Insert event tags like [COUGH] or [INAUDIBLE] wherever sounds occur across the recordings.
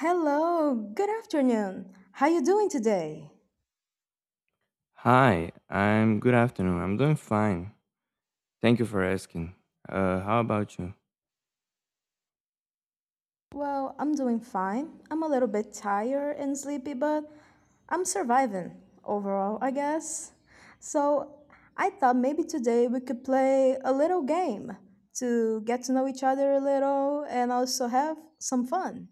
Hello, good afternoon. How you doing today? Hi, I'm good afternoon. I'm doing fine. Thank you for asking. How about you? Well, I'm doing fine. I'm a little bit tired and sleepy, but I'm surviving overall, I guess. So, I thought maybe today we could play a little game to get to know each other a little and also have some fun.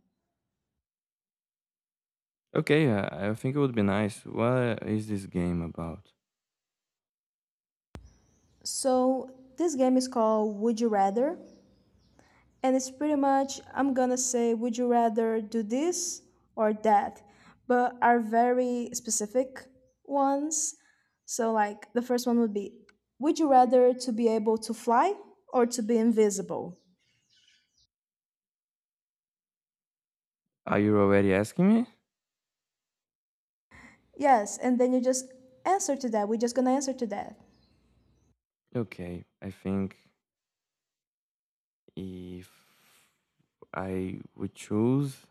Okay, I think it would be nice. What is this game about? So, this game is called Would You Rather, and it's pretty much I'm gonna say, would you rather do this or that? But are very specific ones. So like the first one would be, would you rather to be able to fly or to be invisible? Are you already asking me? Yes, and then you just answer to that. We're just gonna answer to that. Okay, I think if I would choose,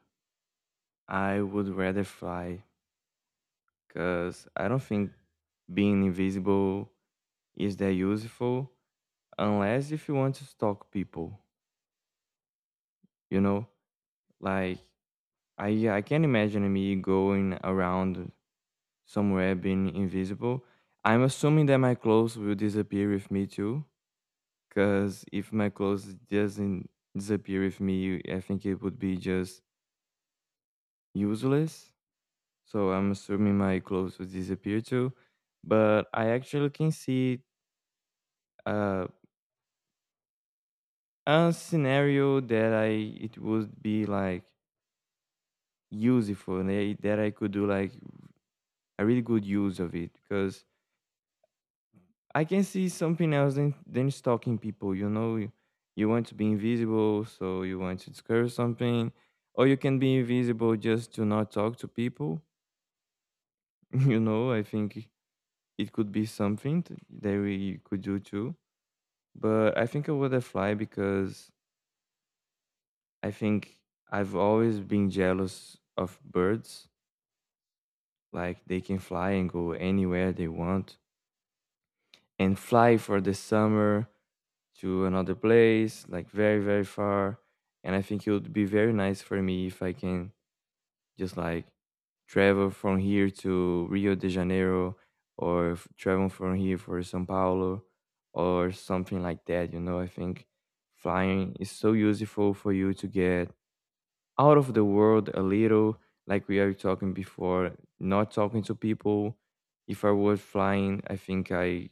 I would rather fly because I don't think being invisible is that useful unless if you want to stalk people, you know? Like, I can't imagine me going around somewhere being invisible. I'm assuming that my clothes will disappear with me too, because if my clothes doesn't disappear with me, I think it would be just useless. So I'm assuming my clothes will disappear too. But I actually can see uh, a scenario that I it would be like useful and that I could do like a really good use of it because I can see something else than stalking people. You know, you want to be invisible, so you want to discover something, or you can be invisible just to not talk to people. [LAUGHS] You know, I think it could be something that we could do too. But I think I would have fly because I think I've always been jealous of birds. Like they can fly and go anywhere they want and fly for the summer to another place, like very, very far. And I think it would be very nice for me if I can just like travel from here to Rio de Janeiro or travel from here for Sao Paulo or something like that. You know, I think flying is so useful for you to get out of the world a little, like we are talking before, not talking to people. If I was flying, I think I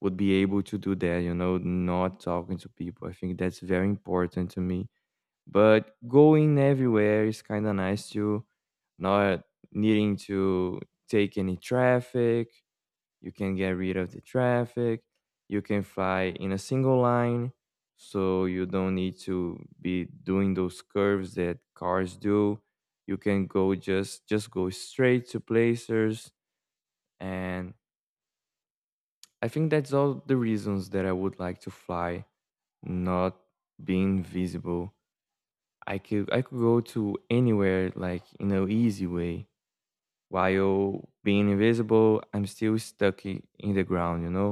would be able to do that, you know, not talking to people. I think that's very important to me. But going everywhere is kind of nice too, not needing to take any traffic. You can get rid of the traffic. You can fly in a single line, so you don't need to be doing those curves that cars do. You can go just go straight to places and I think that's all the reasons that I would like to fly. Not being visible. I could go to anywhere like in an easy way. While being invisible, I'm still stuck in the ground. You know,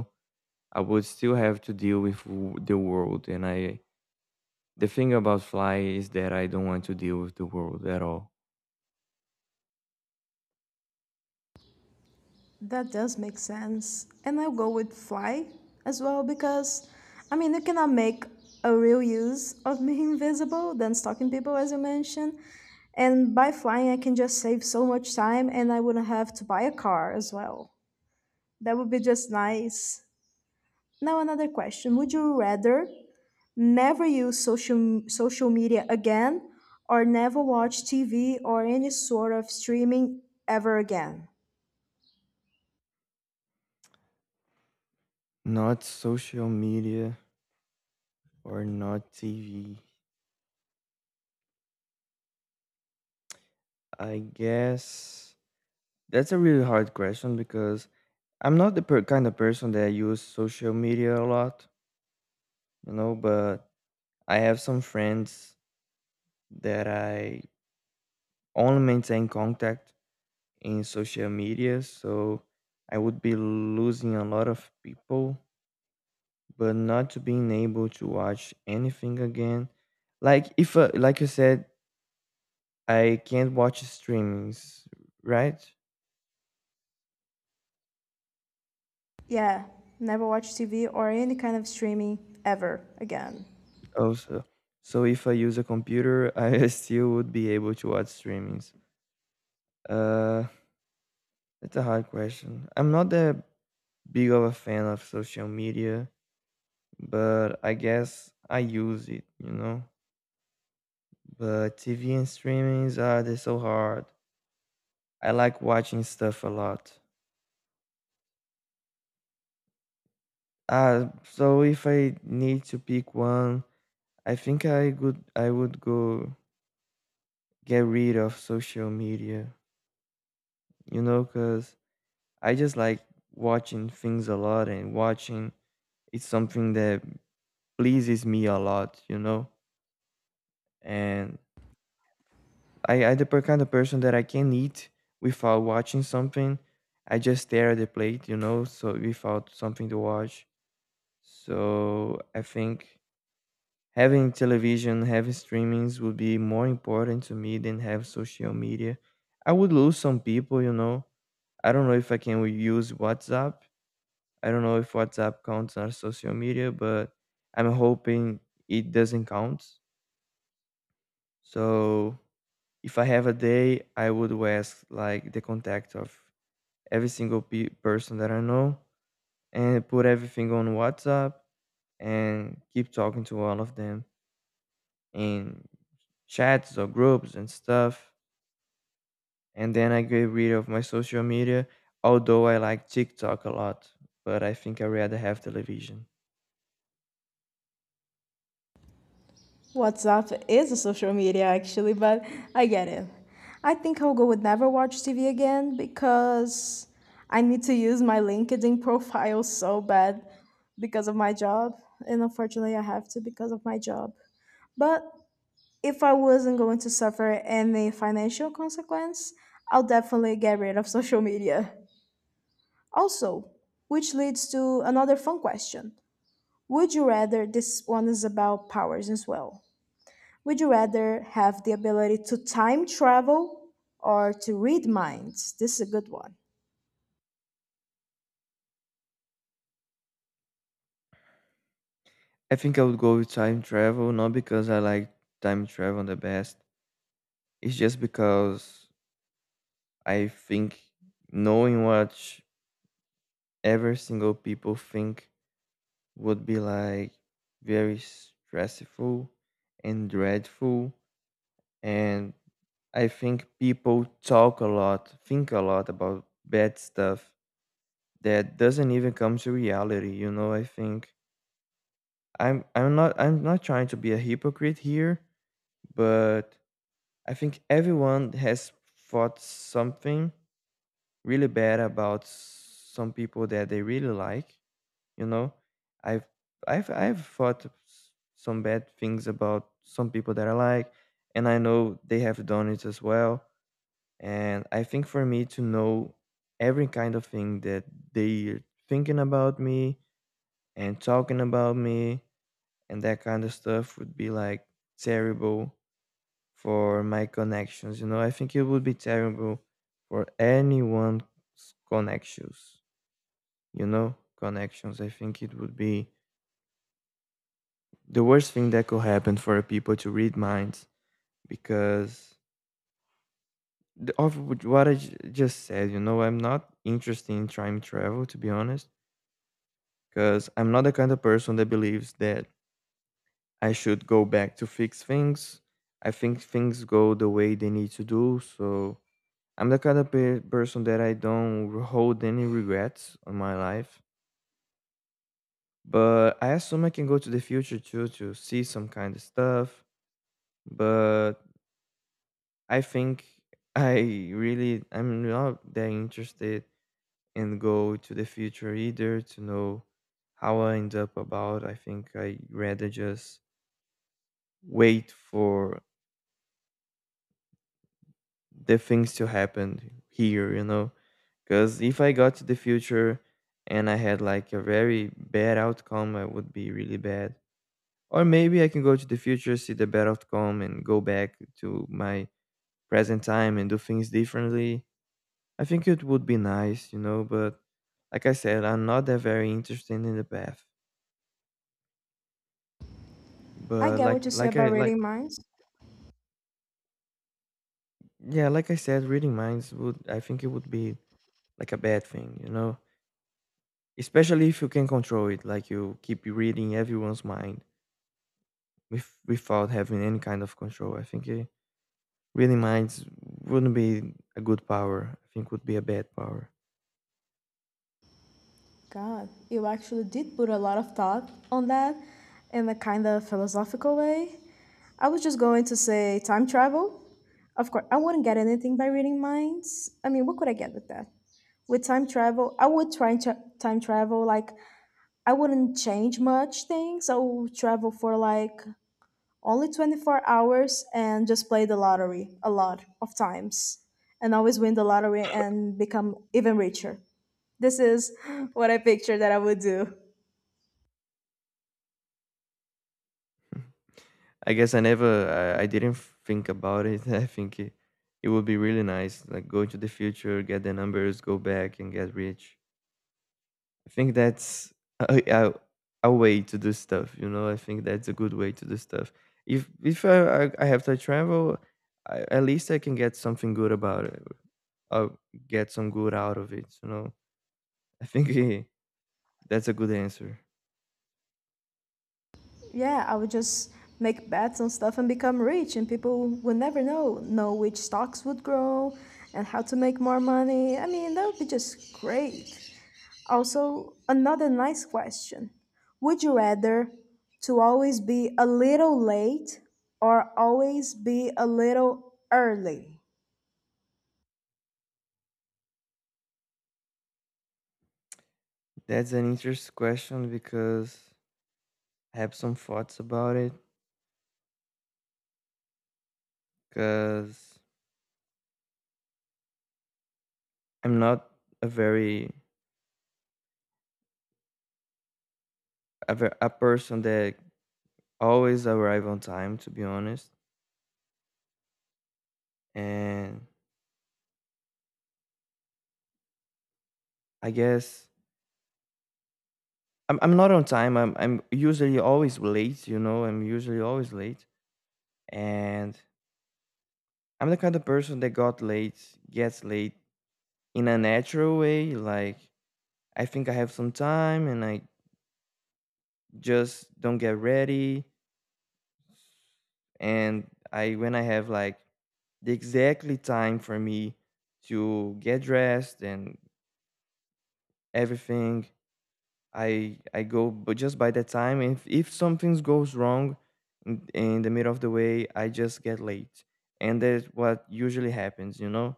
I would still have to deal with the world. And I the thing about fly is that I don't want to deal with the world at all. That does make sense. And I'll go with fly as well because, I mean, you cannot make a real use of being [LAUGHS] invisible than stalking people, as you mentioned. And by flying, I can just save so much time and I wouldn't have to buy a car as well. That would be just nice. Now, another question. Would you rather never use social media again, or never watch TV or any sort of streaming ever again? Not social media or not TV. I guess that's a really hard question because I'm not the kind of person that use social media a lot. You know, but I have some friends that I only maintain contact in social media, so I would be losing a lot of people. But not to being able to watch anything again, like if like you said, I can't watch streamings, right? Yeah, never watch TV or any kind of streaming ever again. Also, so if I use a computer, [LAUGHS] I still would be able to watch streamings. uh that's a hard question. I'm not that big of a fan of social media, but I guess I use it, you know? But TV and streamings are they so hard. I like watching stuff a lot. So if I need to pick one, I think I would go get rid of social media, you know, because I just like watching things a lot and watching it's something that pleases me a lot, you know, and I the kind of person that I can eat without watching something. I just stare at the plate, you know, so without something to watch. So I think having television, having streamings would be more important to me than have social media. I would lose some people, you know. I don't know if I can use WhatsApp. I don't know if WhatsApp counts as social media, but I'm hoping it doesn't count. So if I have a day, I would ask like the contact of every single person that I know and put everything on WhatsApp and keep talking to all of them in chats or groups and stuff. And then I get rid of my social media, although I like TikTok a lot, but I think I rather have television. WhatsApp is a social media actually, but I get it. I think I'll go with never watch TV again because I need to use my LinkedIn profile [LAUGHS] so bad because of my job. And unfortunately, I have to because of my job. But if I wasn't going to suffer any financial consequence, I'll definitely get rid of [LAUGHS] social media. Also, which leads to another fun question. Would you rather, this one is about powers as well, would you rather have the ability to time travel or to read minds? This is a good one. I think I would go with time travel, not because I like time travel the best. It's just because I think knowing what every single people think would be like very stressful and dreadful, and I think people talk a lot think a lot about bad stuff that doesn't even come to reality, you know. I think I'm not trying to be a hypocrite here, but I think everyone has thought something really bad about some people that they really like, you know. I've i've i've thought some bad things about some people that I like, and I know they have done it as well. And I think for me to know every kind of thing that they're thinking about me and talking about me and that kind of stuff would be like terrible for my connections, you know. I think it would be terrible for anyone's connections, you know, connections. I think it would be the worst thing that could happen for people to read minds because of what I just said, you know, I'm not interested in time travel to be honest, because I'm not the kind of person that believes that I should go back to fix things. I think things go the way they need to do, so I'm the kind of person that I don't hold any regrets on my life. But I assume I can go to the future too to see some kind of stuff. But I think I I'm not that interested in go to the future either to know how I end up about. I think I rather just wait for the things to happen here, you know. Because if I got to the future and I had like a very bad outcome, I would be really bad. Or maybe I can go to the future, see the bad outcome, and go back to my present time and do things differently. I think it would be nice, you know, but like I said, I'm not that very interested in the path. I But get what you say like I about like reading minds. yeah, like I said, reading minds would I think it would be like a bad thing, you know? Especially if you can control it, like you keep reading everyone's mind without having any kind of control. I think reading minds wouldn't be a good power. I think would be a bad power. God, you actually did put a lot of thought on that in a kind of philosophical way. I was just going to say time travel. Of course, I wouldn't get anything by reading minds. I mean, what could I get with that? With time travel, I would try and time travel. Like, I wouldn't change much things. I would travel for like only 24 hours and just play the lottery a lot of times and always win the lottery and become even richer. This is [GASPS] [LAUGHS] what I picture that I would do. I guess I never, I didn't think about it. [LAUGHS] I think it would be really nice, like go to the future, get the numbers, go back and get rich. I think that's a, a, a way to do stuff, you know? I think that's a good way to do stuff. If I have to travel, at least I can get something good about it. I'll get some good out of it, you know? I think [LAUGHS] that's a good answer. Yeah, I would just make bets on stuff and become rich and people would never know which stocks would grow and how to make more money. I mean, that would be just great. Also, another nice question. Would you rather to always be a little late or always be a little early? That's an interesting question because I have some thoughts about it because I'm not a very a, ver- a person that always arrive on time to be honest. And I guess I'm not on time. I'm usually always late, you know, I'm usually always late. And I'm the kind of person that got late gets late in a natural way. Like I think I have some time and I just don't get ready. And I when I have like the exactly time for me to get dressed and everything, I go but just by the time, if something goes wrong in the middle of the way, I just get late, and that's what usually happens, you know.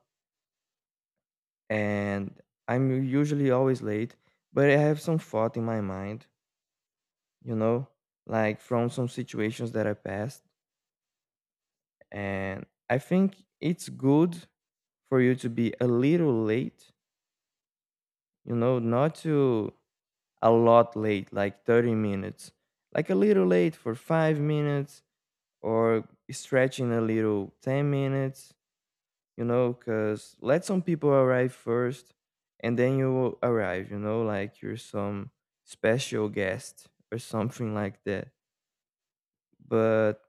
And I'm usually always late, but I have some thought in my mind, you know, like from some situations that I passed. And I think it's good for you to be a little late, you know, not to a lot late, like 30 minutes, like a little late for 5 minutes or stretching a little 10 minutes, you know, because let some people arrive first, and then you will arrive, you know, like you're some special guest or something like that. But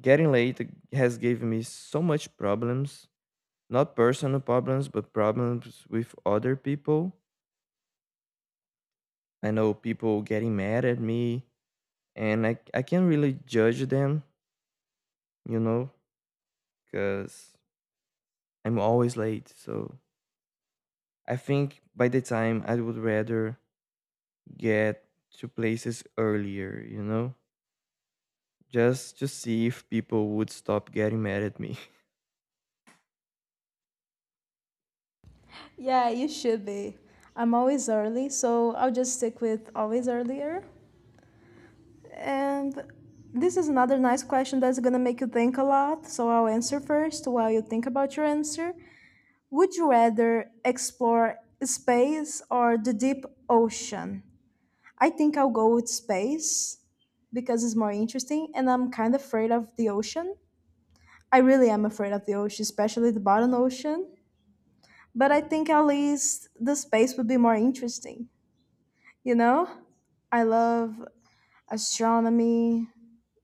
getting late has given me so much problems, not personal problems, but problems with other people. I know people getting mad at me, and I can't really judge them, you know, because I'm always late. So I think by the time I would rather get to places earlier, you know, just to see if people would stop getting mad at me. Yeah, you should be. I'm always early, so I'll just stick with always earlier. And this is another nice question that's gonna make you think a lot, so I'll answer first while you think about your answer. Would you rather explore space or the deep ocean? I think I'll go with space because it's more interesting, and I'm kind of afraid of the ocean. I really am afraid of the ocean, especially the bottom ocean. But I think at least the space would be more interesting, you know? I love astronomy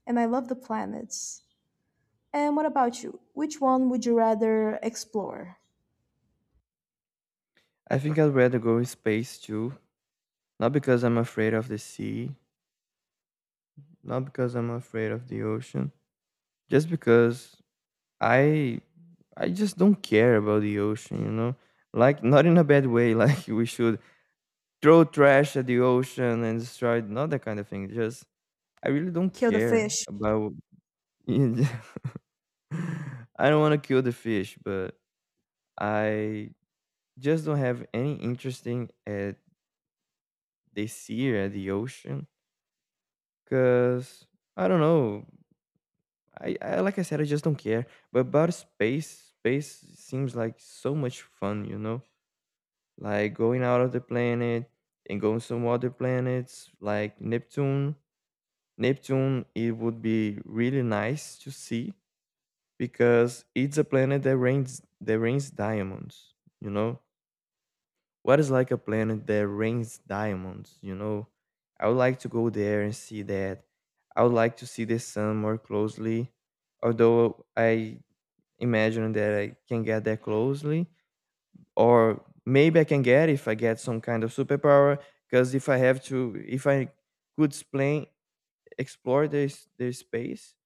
and I love the planets. And what about you? Which one would you rather explore? [LAUGHS] I think I'd rather go in space too, not because I'm afraid of the sea, not because I'm afraid of the ocean, just because I I just don't care about the ocean. Like not in a bad way, [LAUGHS] like we should throw trash at the ocean and destroy it, not that kind of thing. Just I really don't Kill the care fish. about. [LAUGHS] I don't want to kill the fish, but I just don't have any interest in at the sea or at the ocean because I don't know. I, like I said, I just don't care. But about space, space seems like so much fun, like going out of the planet and going some other planets like Neptune. Neptune, it would be really nice to see because it's a planet that rains diamonds. You know what is like a planet that rains diamonds? I would like to go there and see that. I would like to see the sun more closely, although I imagine that I can get that closely, or maybe I can get if I get some kind of superpower. Because if I could explain explore this space,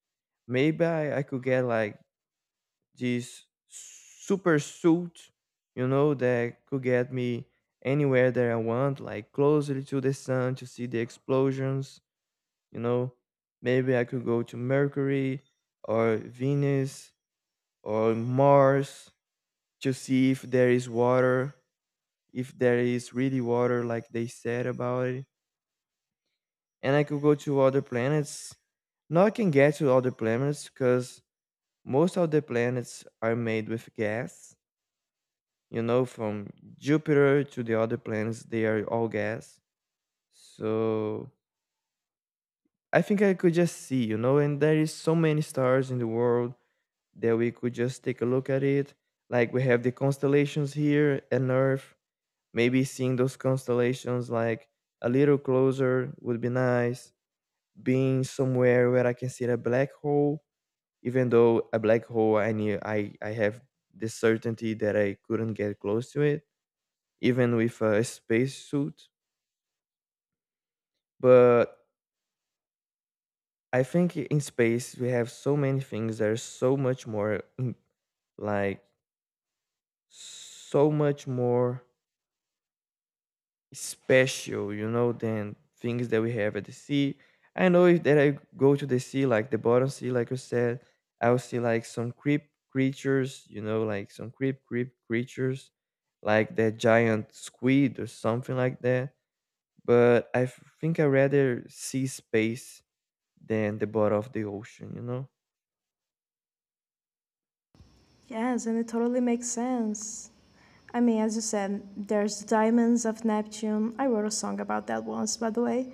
maybe I could get like this super suit, that could get me anywhere that I want, like closer to the sun to see the explosions, you know. Maybe I could go to Mercury or Venus or Mars to see if there is water, if there is really water, like they said about it. And I could go to other planets. Now I can get to other planets because most of the planets are made with gas, from Jupiter to the other planets, they are all gas. So I think I could just see, and there is so many stars in the world that we could just take a look at it. Like we have the constellations here and Earth. Maybe seeing those constellations like a little closer would be nice. Being somewhere where I can see a black hole, even though a black hole I have the certainty that I couldn't get close to it even with a spacesuit. But I think in space we have so many things, there's so like so much more special, than things that we have at the sea. I know if that I go to the sea, like the bottom sea, like you said, I'll see like some creep creatures, like some creep creep creatures, like that giant squid or something like that. But think I rather see space than the bottom of the ocean. Yes, and it totally makes sense. I mean, as you said, there's the diamonds of Neptune. I wrote a song about that once, by the way.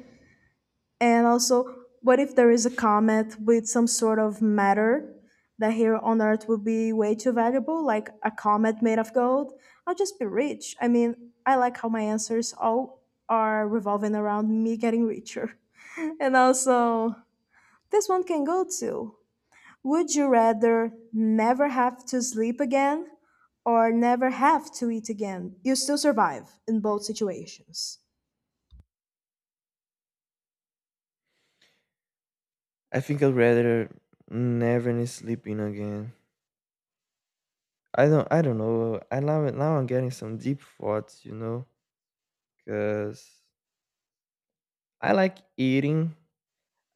And also, what if there is a comet with some sort of matter that here on Earth would be way too valuable, like a comet made of gold? I'll just be rich. I mean, I like how my answers all are revolving around me getting richer. [LAUGHS] And also, this one can go too. Would you rather never have to sleep again or never have to eat again? You still survive in both situations. I think I'd rather never need sleeping again. I don't know. I now I'm getting some deep thoughts, because I like eating.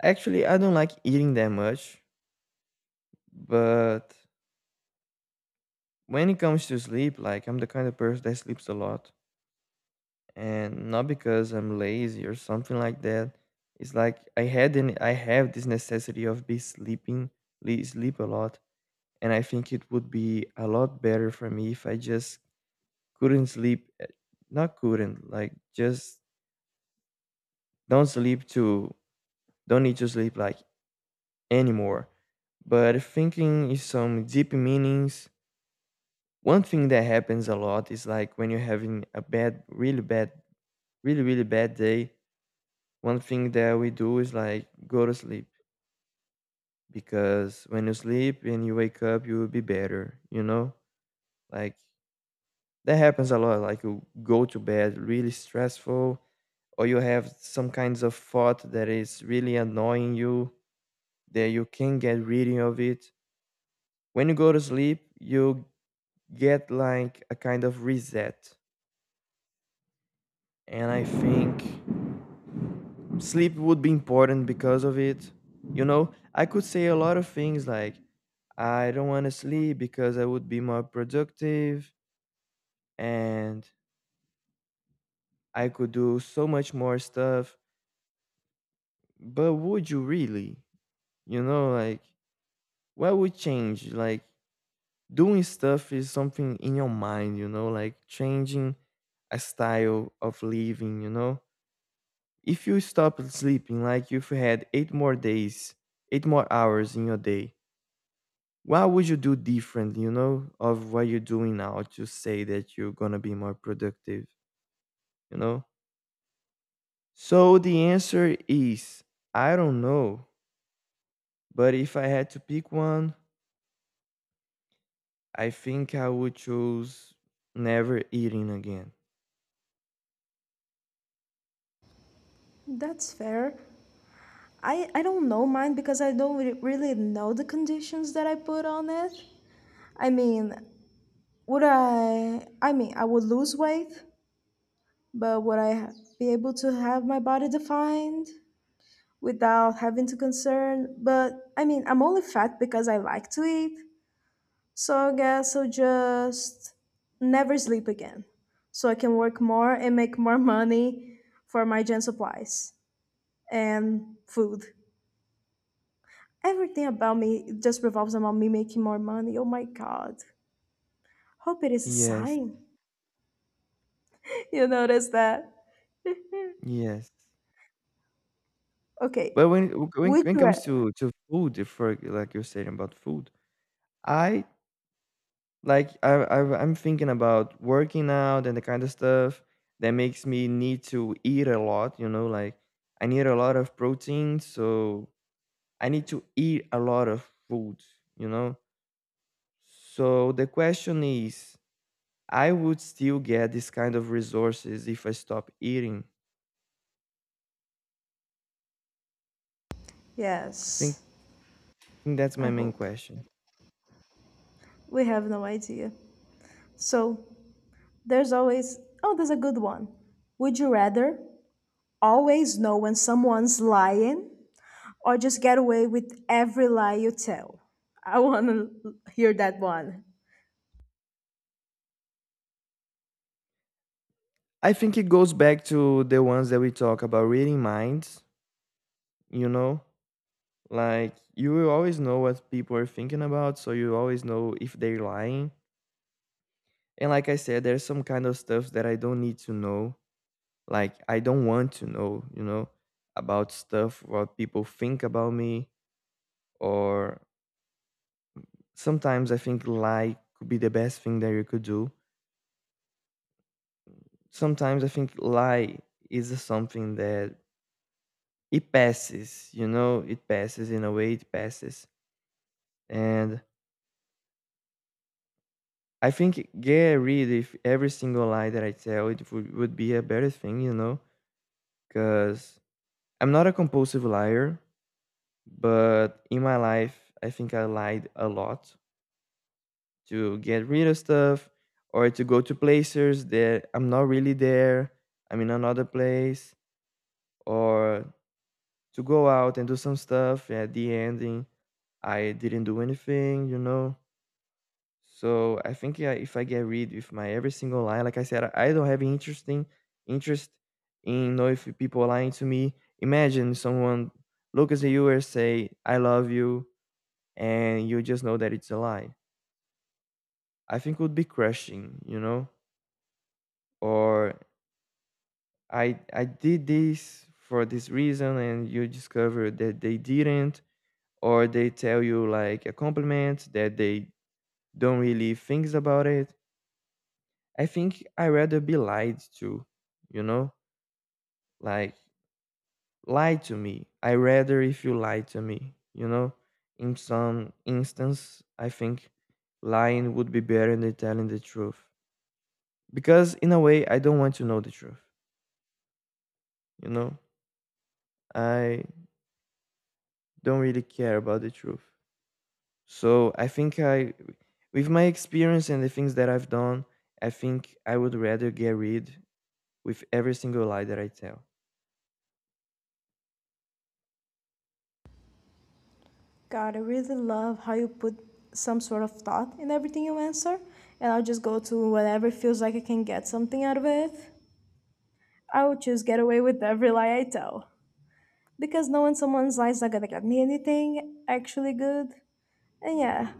Actually, I don't like eating that much, but when it comes to sleep, like I'm the kind of person that sleeps a lot, and not because I'm lazy or something like that. It's like I had an I have this necessity of be sleeping, sleep a lot, and I think it would be a lot better for me if I just couldn't sleep, not couldn't, like, just don't sleep to don't need to sleep, like, anymore. But thinking is some deep meanings. One thing that happens a lot is like when you're having a bad, really bad, really really bad day. One thing that we do is like go to sleep, because when you sleep and you wake up you will be better, like that happens a lot. Like you go to bed really stressful, or you have some kinds of thought that is really annoying you, that you can't get rid of it. When you go to sleep you get like a kind of reset, and I think sleep would be important because of it. I could say a lot of things, like I don't want to sleep because I would be more productive, and I could do so much more stuff. But would you really, like what would change, like doing stuff is something in your mind, like changing a style of living. If you stop sleeping, like if you had eight more days, eight more hours in your day, what would you do different, of what you're doing now to say that you're gonna be more productive, you know? So the answer is I don't know. But if I had to pick one, I think I would choose never eating again. That's fair. I don't know mine because I don't really know the conditions that I put on it. I mean, would I? I mean, I would lose weight, but would I be able to have my body defined without having to concern? But I mean, I'm only fat because I like to eat. So I guess I'll just never sleep again. So I can work more and make more money for my gen supplies and food. Everything about me just revolves around me making more money. Oh my God. Hope it is a Yes, sign. [LAUGHS] You notice that? [LAUGHS] yes. Okay. But when when Would when it you comes rather? to food, if for like you're saying about food, I like I'm thinking about working out and the kind of stuff that makes me need to eat a lot. You know, like I need a lot of protein, so I need to eat a lot of food. You know, so the question is, I would still get this kind of resources if I stop eating. I think Yes, I think that's I my main hope. question. We have no idea. So there's always, oh, there's a good one. Would you rather always know when someone's lying or just get away with every lie you tell? I want to hear that one. I think it goes back to the ones that we talk about reading minds, you know? Like you will always know what people are thinking about, so you always know if they're lying. And like I said, there's some kind of stuff that I don't need to know. Like I don't want to know, about stuff what people think about me, or sometimes I think lie could be the best thing that you could do. Sometimes I think lie is something that it passes, it passes in a way it passes. And I think get rid of every single lie that I tell. It would be a better thing, because I'm not a compulsive liar, but in my life, I think I lied a lot to get rid of stuff, or to go to places that I'm not really there. I'm in another place, or to go out and do some stuff. At the ending, I didn't do anything. So I think yeah, if I get rid with my every single lie, like I said, I don't have interesting interest in know if people lying to me. Imagine someone looks at you and say, "I love you," and you just know that it's a lie. I think would be crushing. Or I did this for this reason, and you discover that they didn't, or they tell you like a compliment that they don't really think about it. I think I rather be lied to, you know? Like lie to me. I rather if you lie to me? In some instance, I think lying would be better than telling the truth. Because in a way I don't want to know the truth, you know? I don't really care about the truth. So I think I, with my experience and the things that I've done, I think I would rather get rid with every single lie that I tell. God, I really love how you put some sort of thought in everything you answer, and I'll just go to whatever feels like I can get something out of it. I will just get away with every lie I tell. Because knowing someone's lies is not gonna get me anything actually good. And yeah,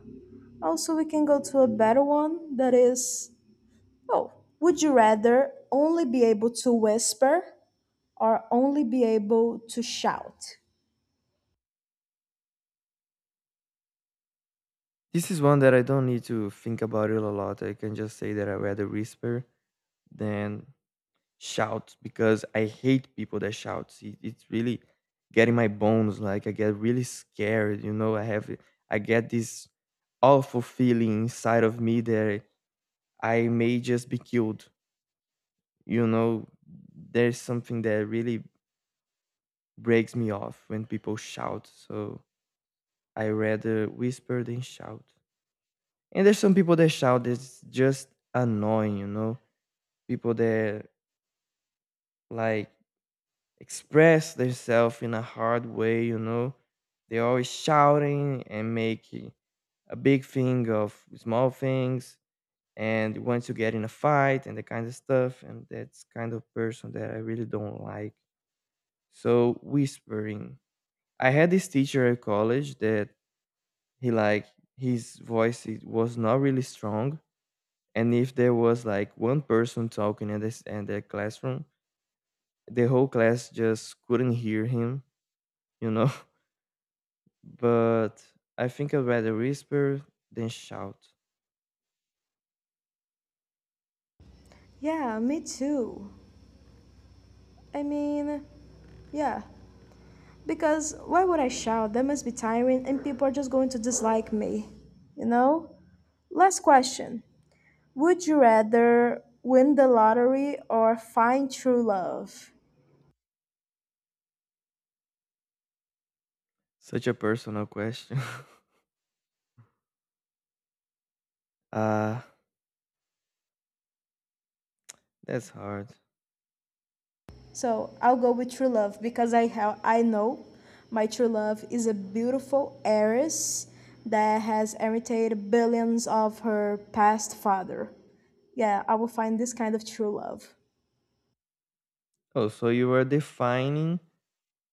also we can go to a better one that is, oh, would you rather only be able to whisper or only be able to shout? This is one that I don't need to think about it a lot. I can just say that I rather whisper than shout, because I hate people that shout. It's really getting my bones. Like I get really scared. You know, I get this awful feeling inside of me that I may just be killed. You know, there's something that really breaks me off when people shout. So I rather whisper than shout. And there's some people that shout that's just annoying? People that like express themselves in a hard way? They're always shouting and making a big thing of small things and want to get in a fight and that kind of stuff. And that's kind of person that I really don't like. So whispering. I had this teacher at college that he, like, his voice it was not really strong, and if there was like one person talking in this in the classroom, the whole class just couldn't hear him, you know [LAUGHS] but I think I'd rather whisper than shout. Yeah, me too. I mean, yeah. Because why would I shout? That must be tiring, and people are just going to dislike me, you know? Last question. Would you rather win the lottery or find true love? Such a personal question. [LAUGHS] uh that's hard. So I'll go with true love because I know my true love is a beautiful heiress that has inherited billions of her past father. Yeah, I will find this kind of true love. Oh, so you are defining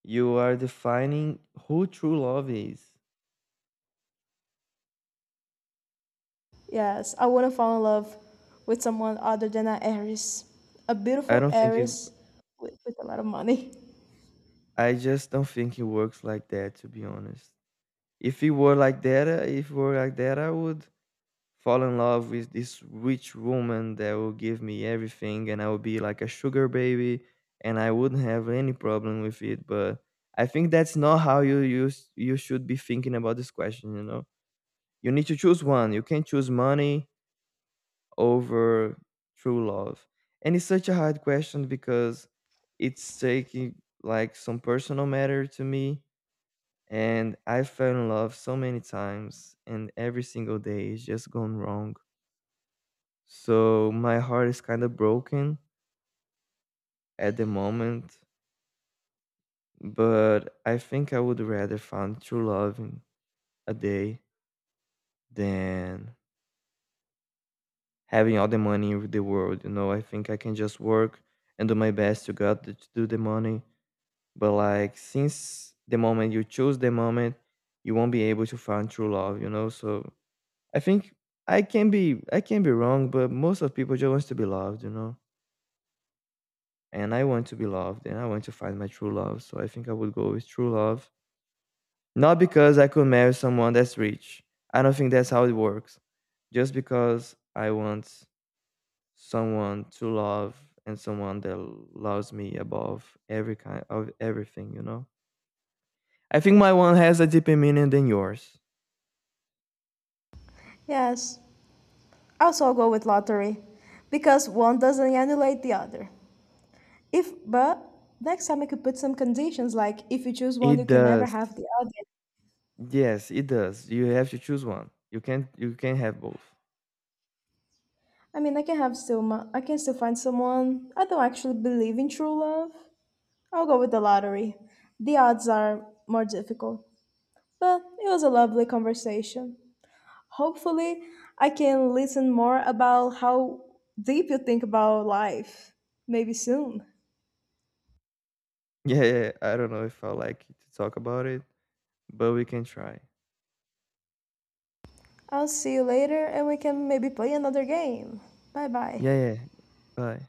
you are defining who true love is. Yes, I want to fall in love with someone other than an heiress, a i beautiful don't think it heiress with a lot of money. I just don't think it works like that, to be honest. If it were like that if it were like that I would fall in love with this rich woman that will give me everything, and I will be like a sugar baby, and I wouldn't have any problem with it. But I think that's not how you use you should be thinking about this question, you know. You need to choose one. You can't choose money over true love. And it's such a hard question because it's taking like some personal matter to me. And I fell in love so many times and every single day it's just gone wrong, so my heart is kind of broken at the moment, but I think I would rather find true love in a day than having all the money in the world. You know, I think I can just work and do my best to get the, to do the money. But like since the moment you choose the moment, you won't be able to find true love. You know, so I think I can be wrong, but most of people just wants to be loved. You know. And I want to be loved and I want to find my true love. So I think I would go with true love. Not because I could marry someone that's rich. I don't think that's how it works. Just because I want someone to love and someone that loves me above every kind of everything? I think my one has a deeper meaning than yours. Yes, also I'll go with lottery because one doesn't annulate the other. If, but next time I could put some conditions like if you choose one, you It can never does. have the other. Yes, it does. You have to choose one. You can't have both. [LAUGHS] I mean, I can have still, I can still find someone. I don't actually believe in true love. I'll go with the lottery. The odds are more difficult, but it was a lovely conversation. Hopefully, I can listen more about how deep you think about life. Maybe soon. Yeah, yeah. Yeah. I don't know if I like to talk about it, but we can try. I'll see you later and we can maybe play another game. Bye bye. Yeah, yeah. Bye.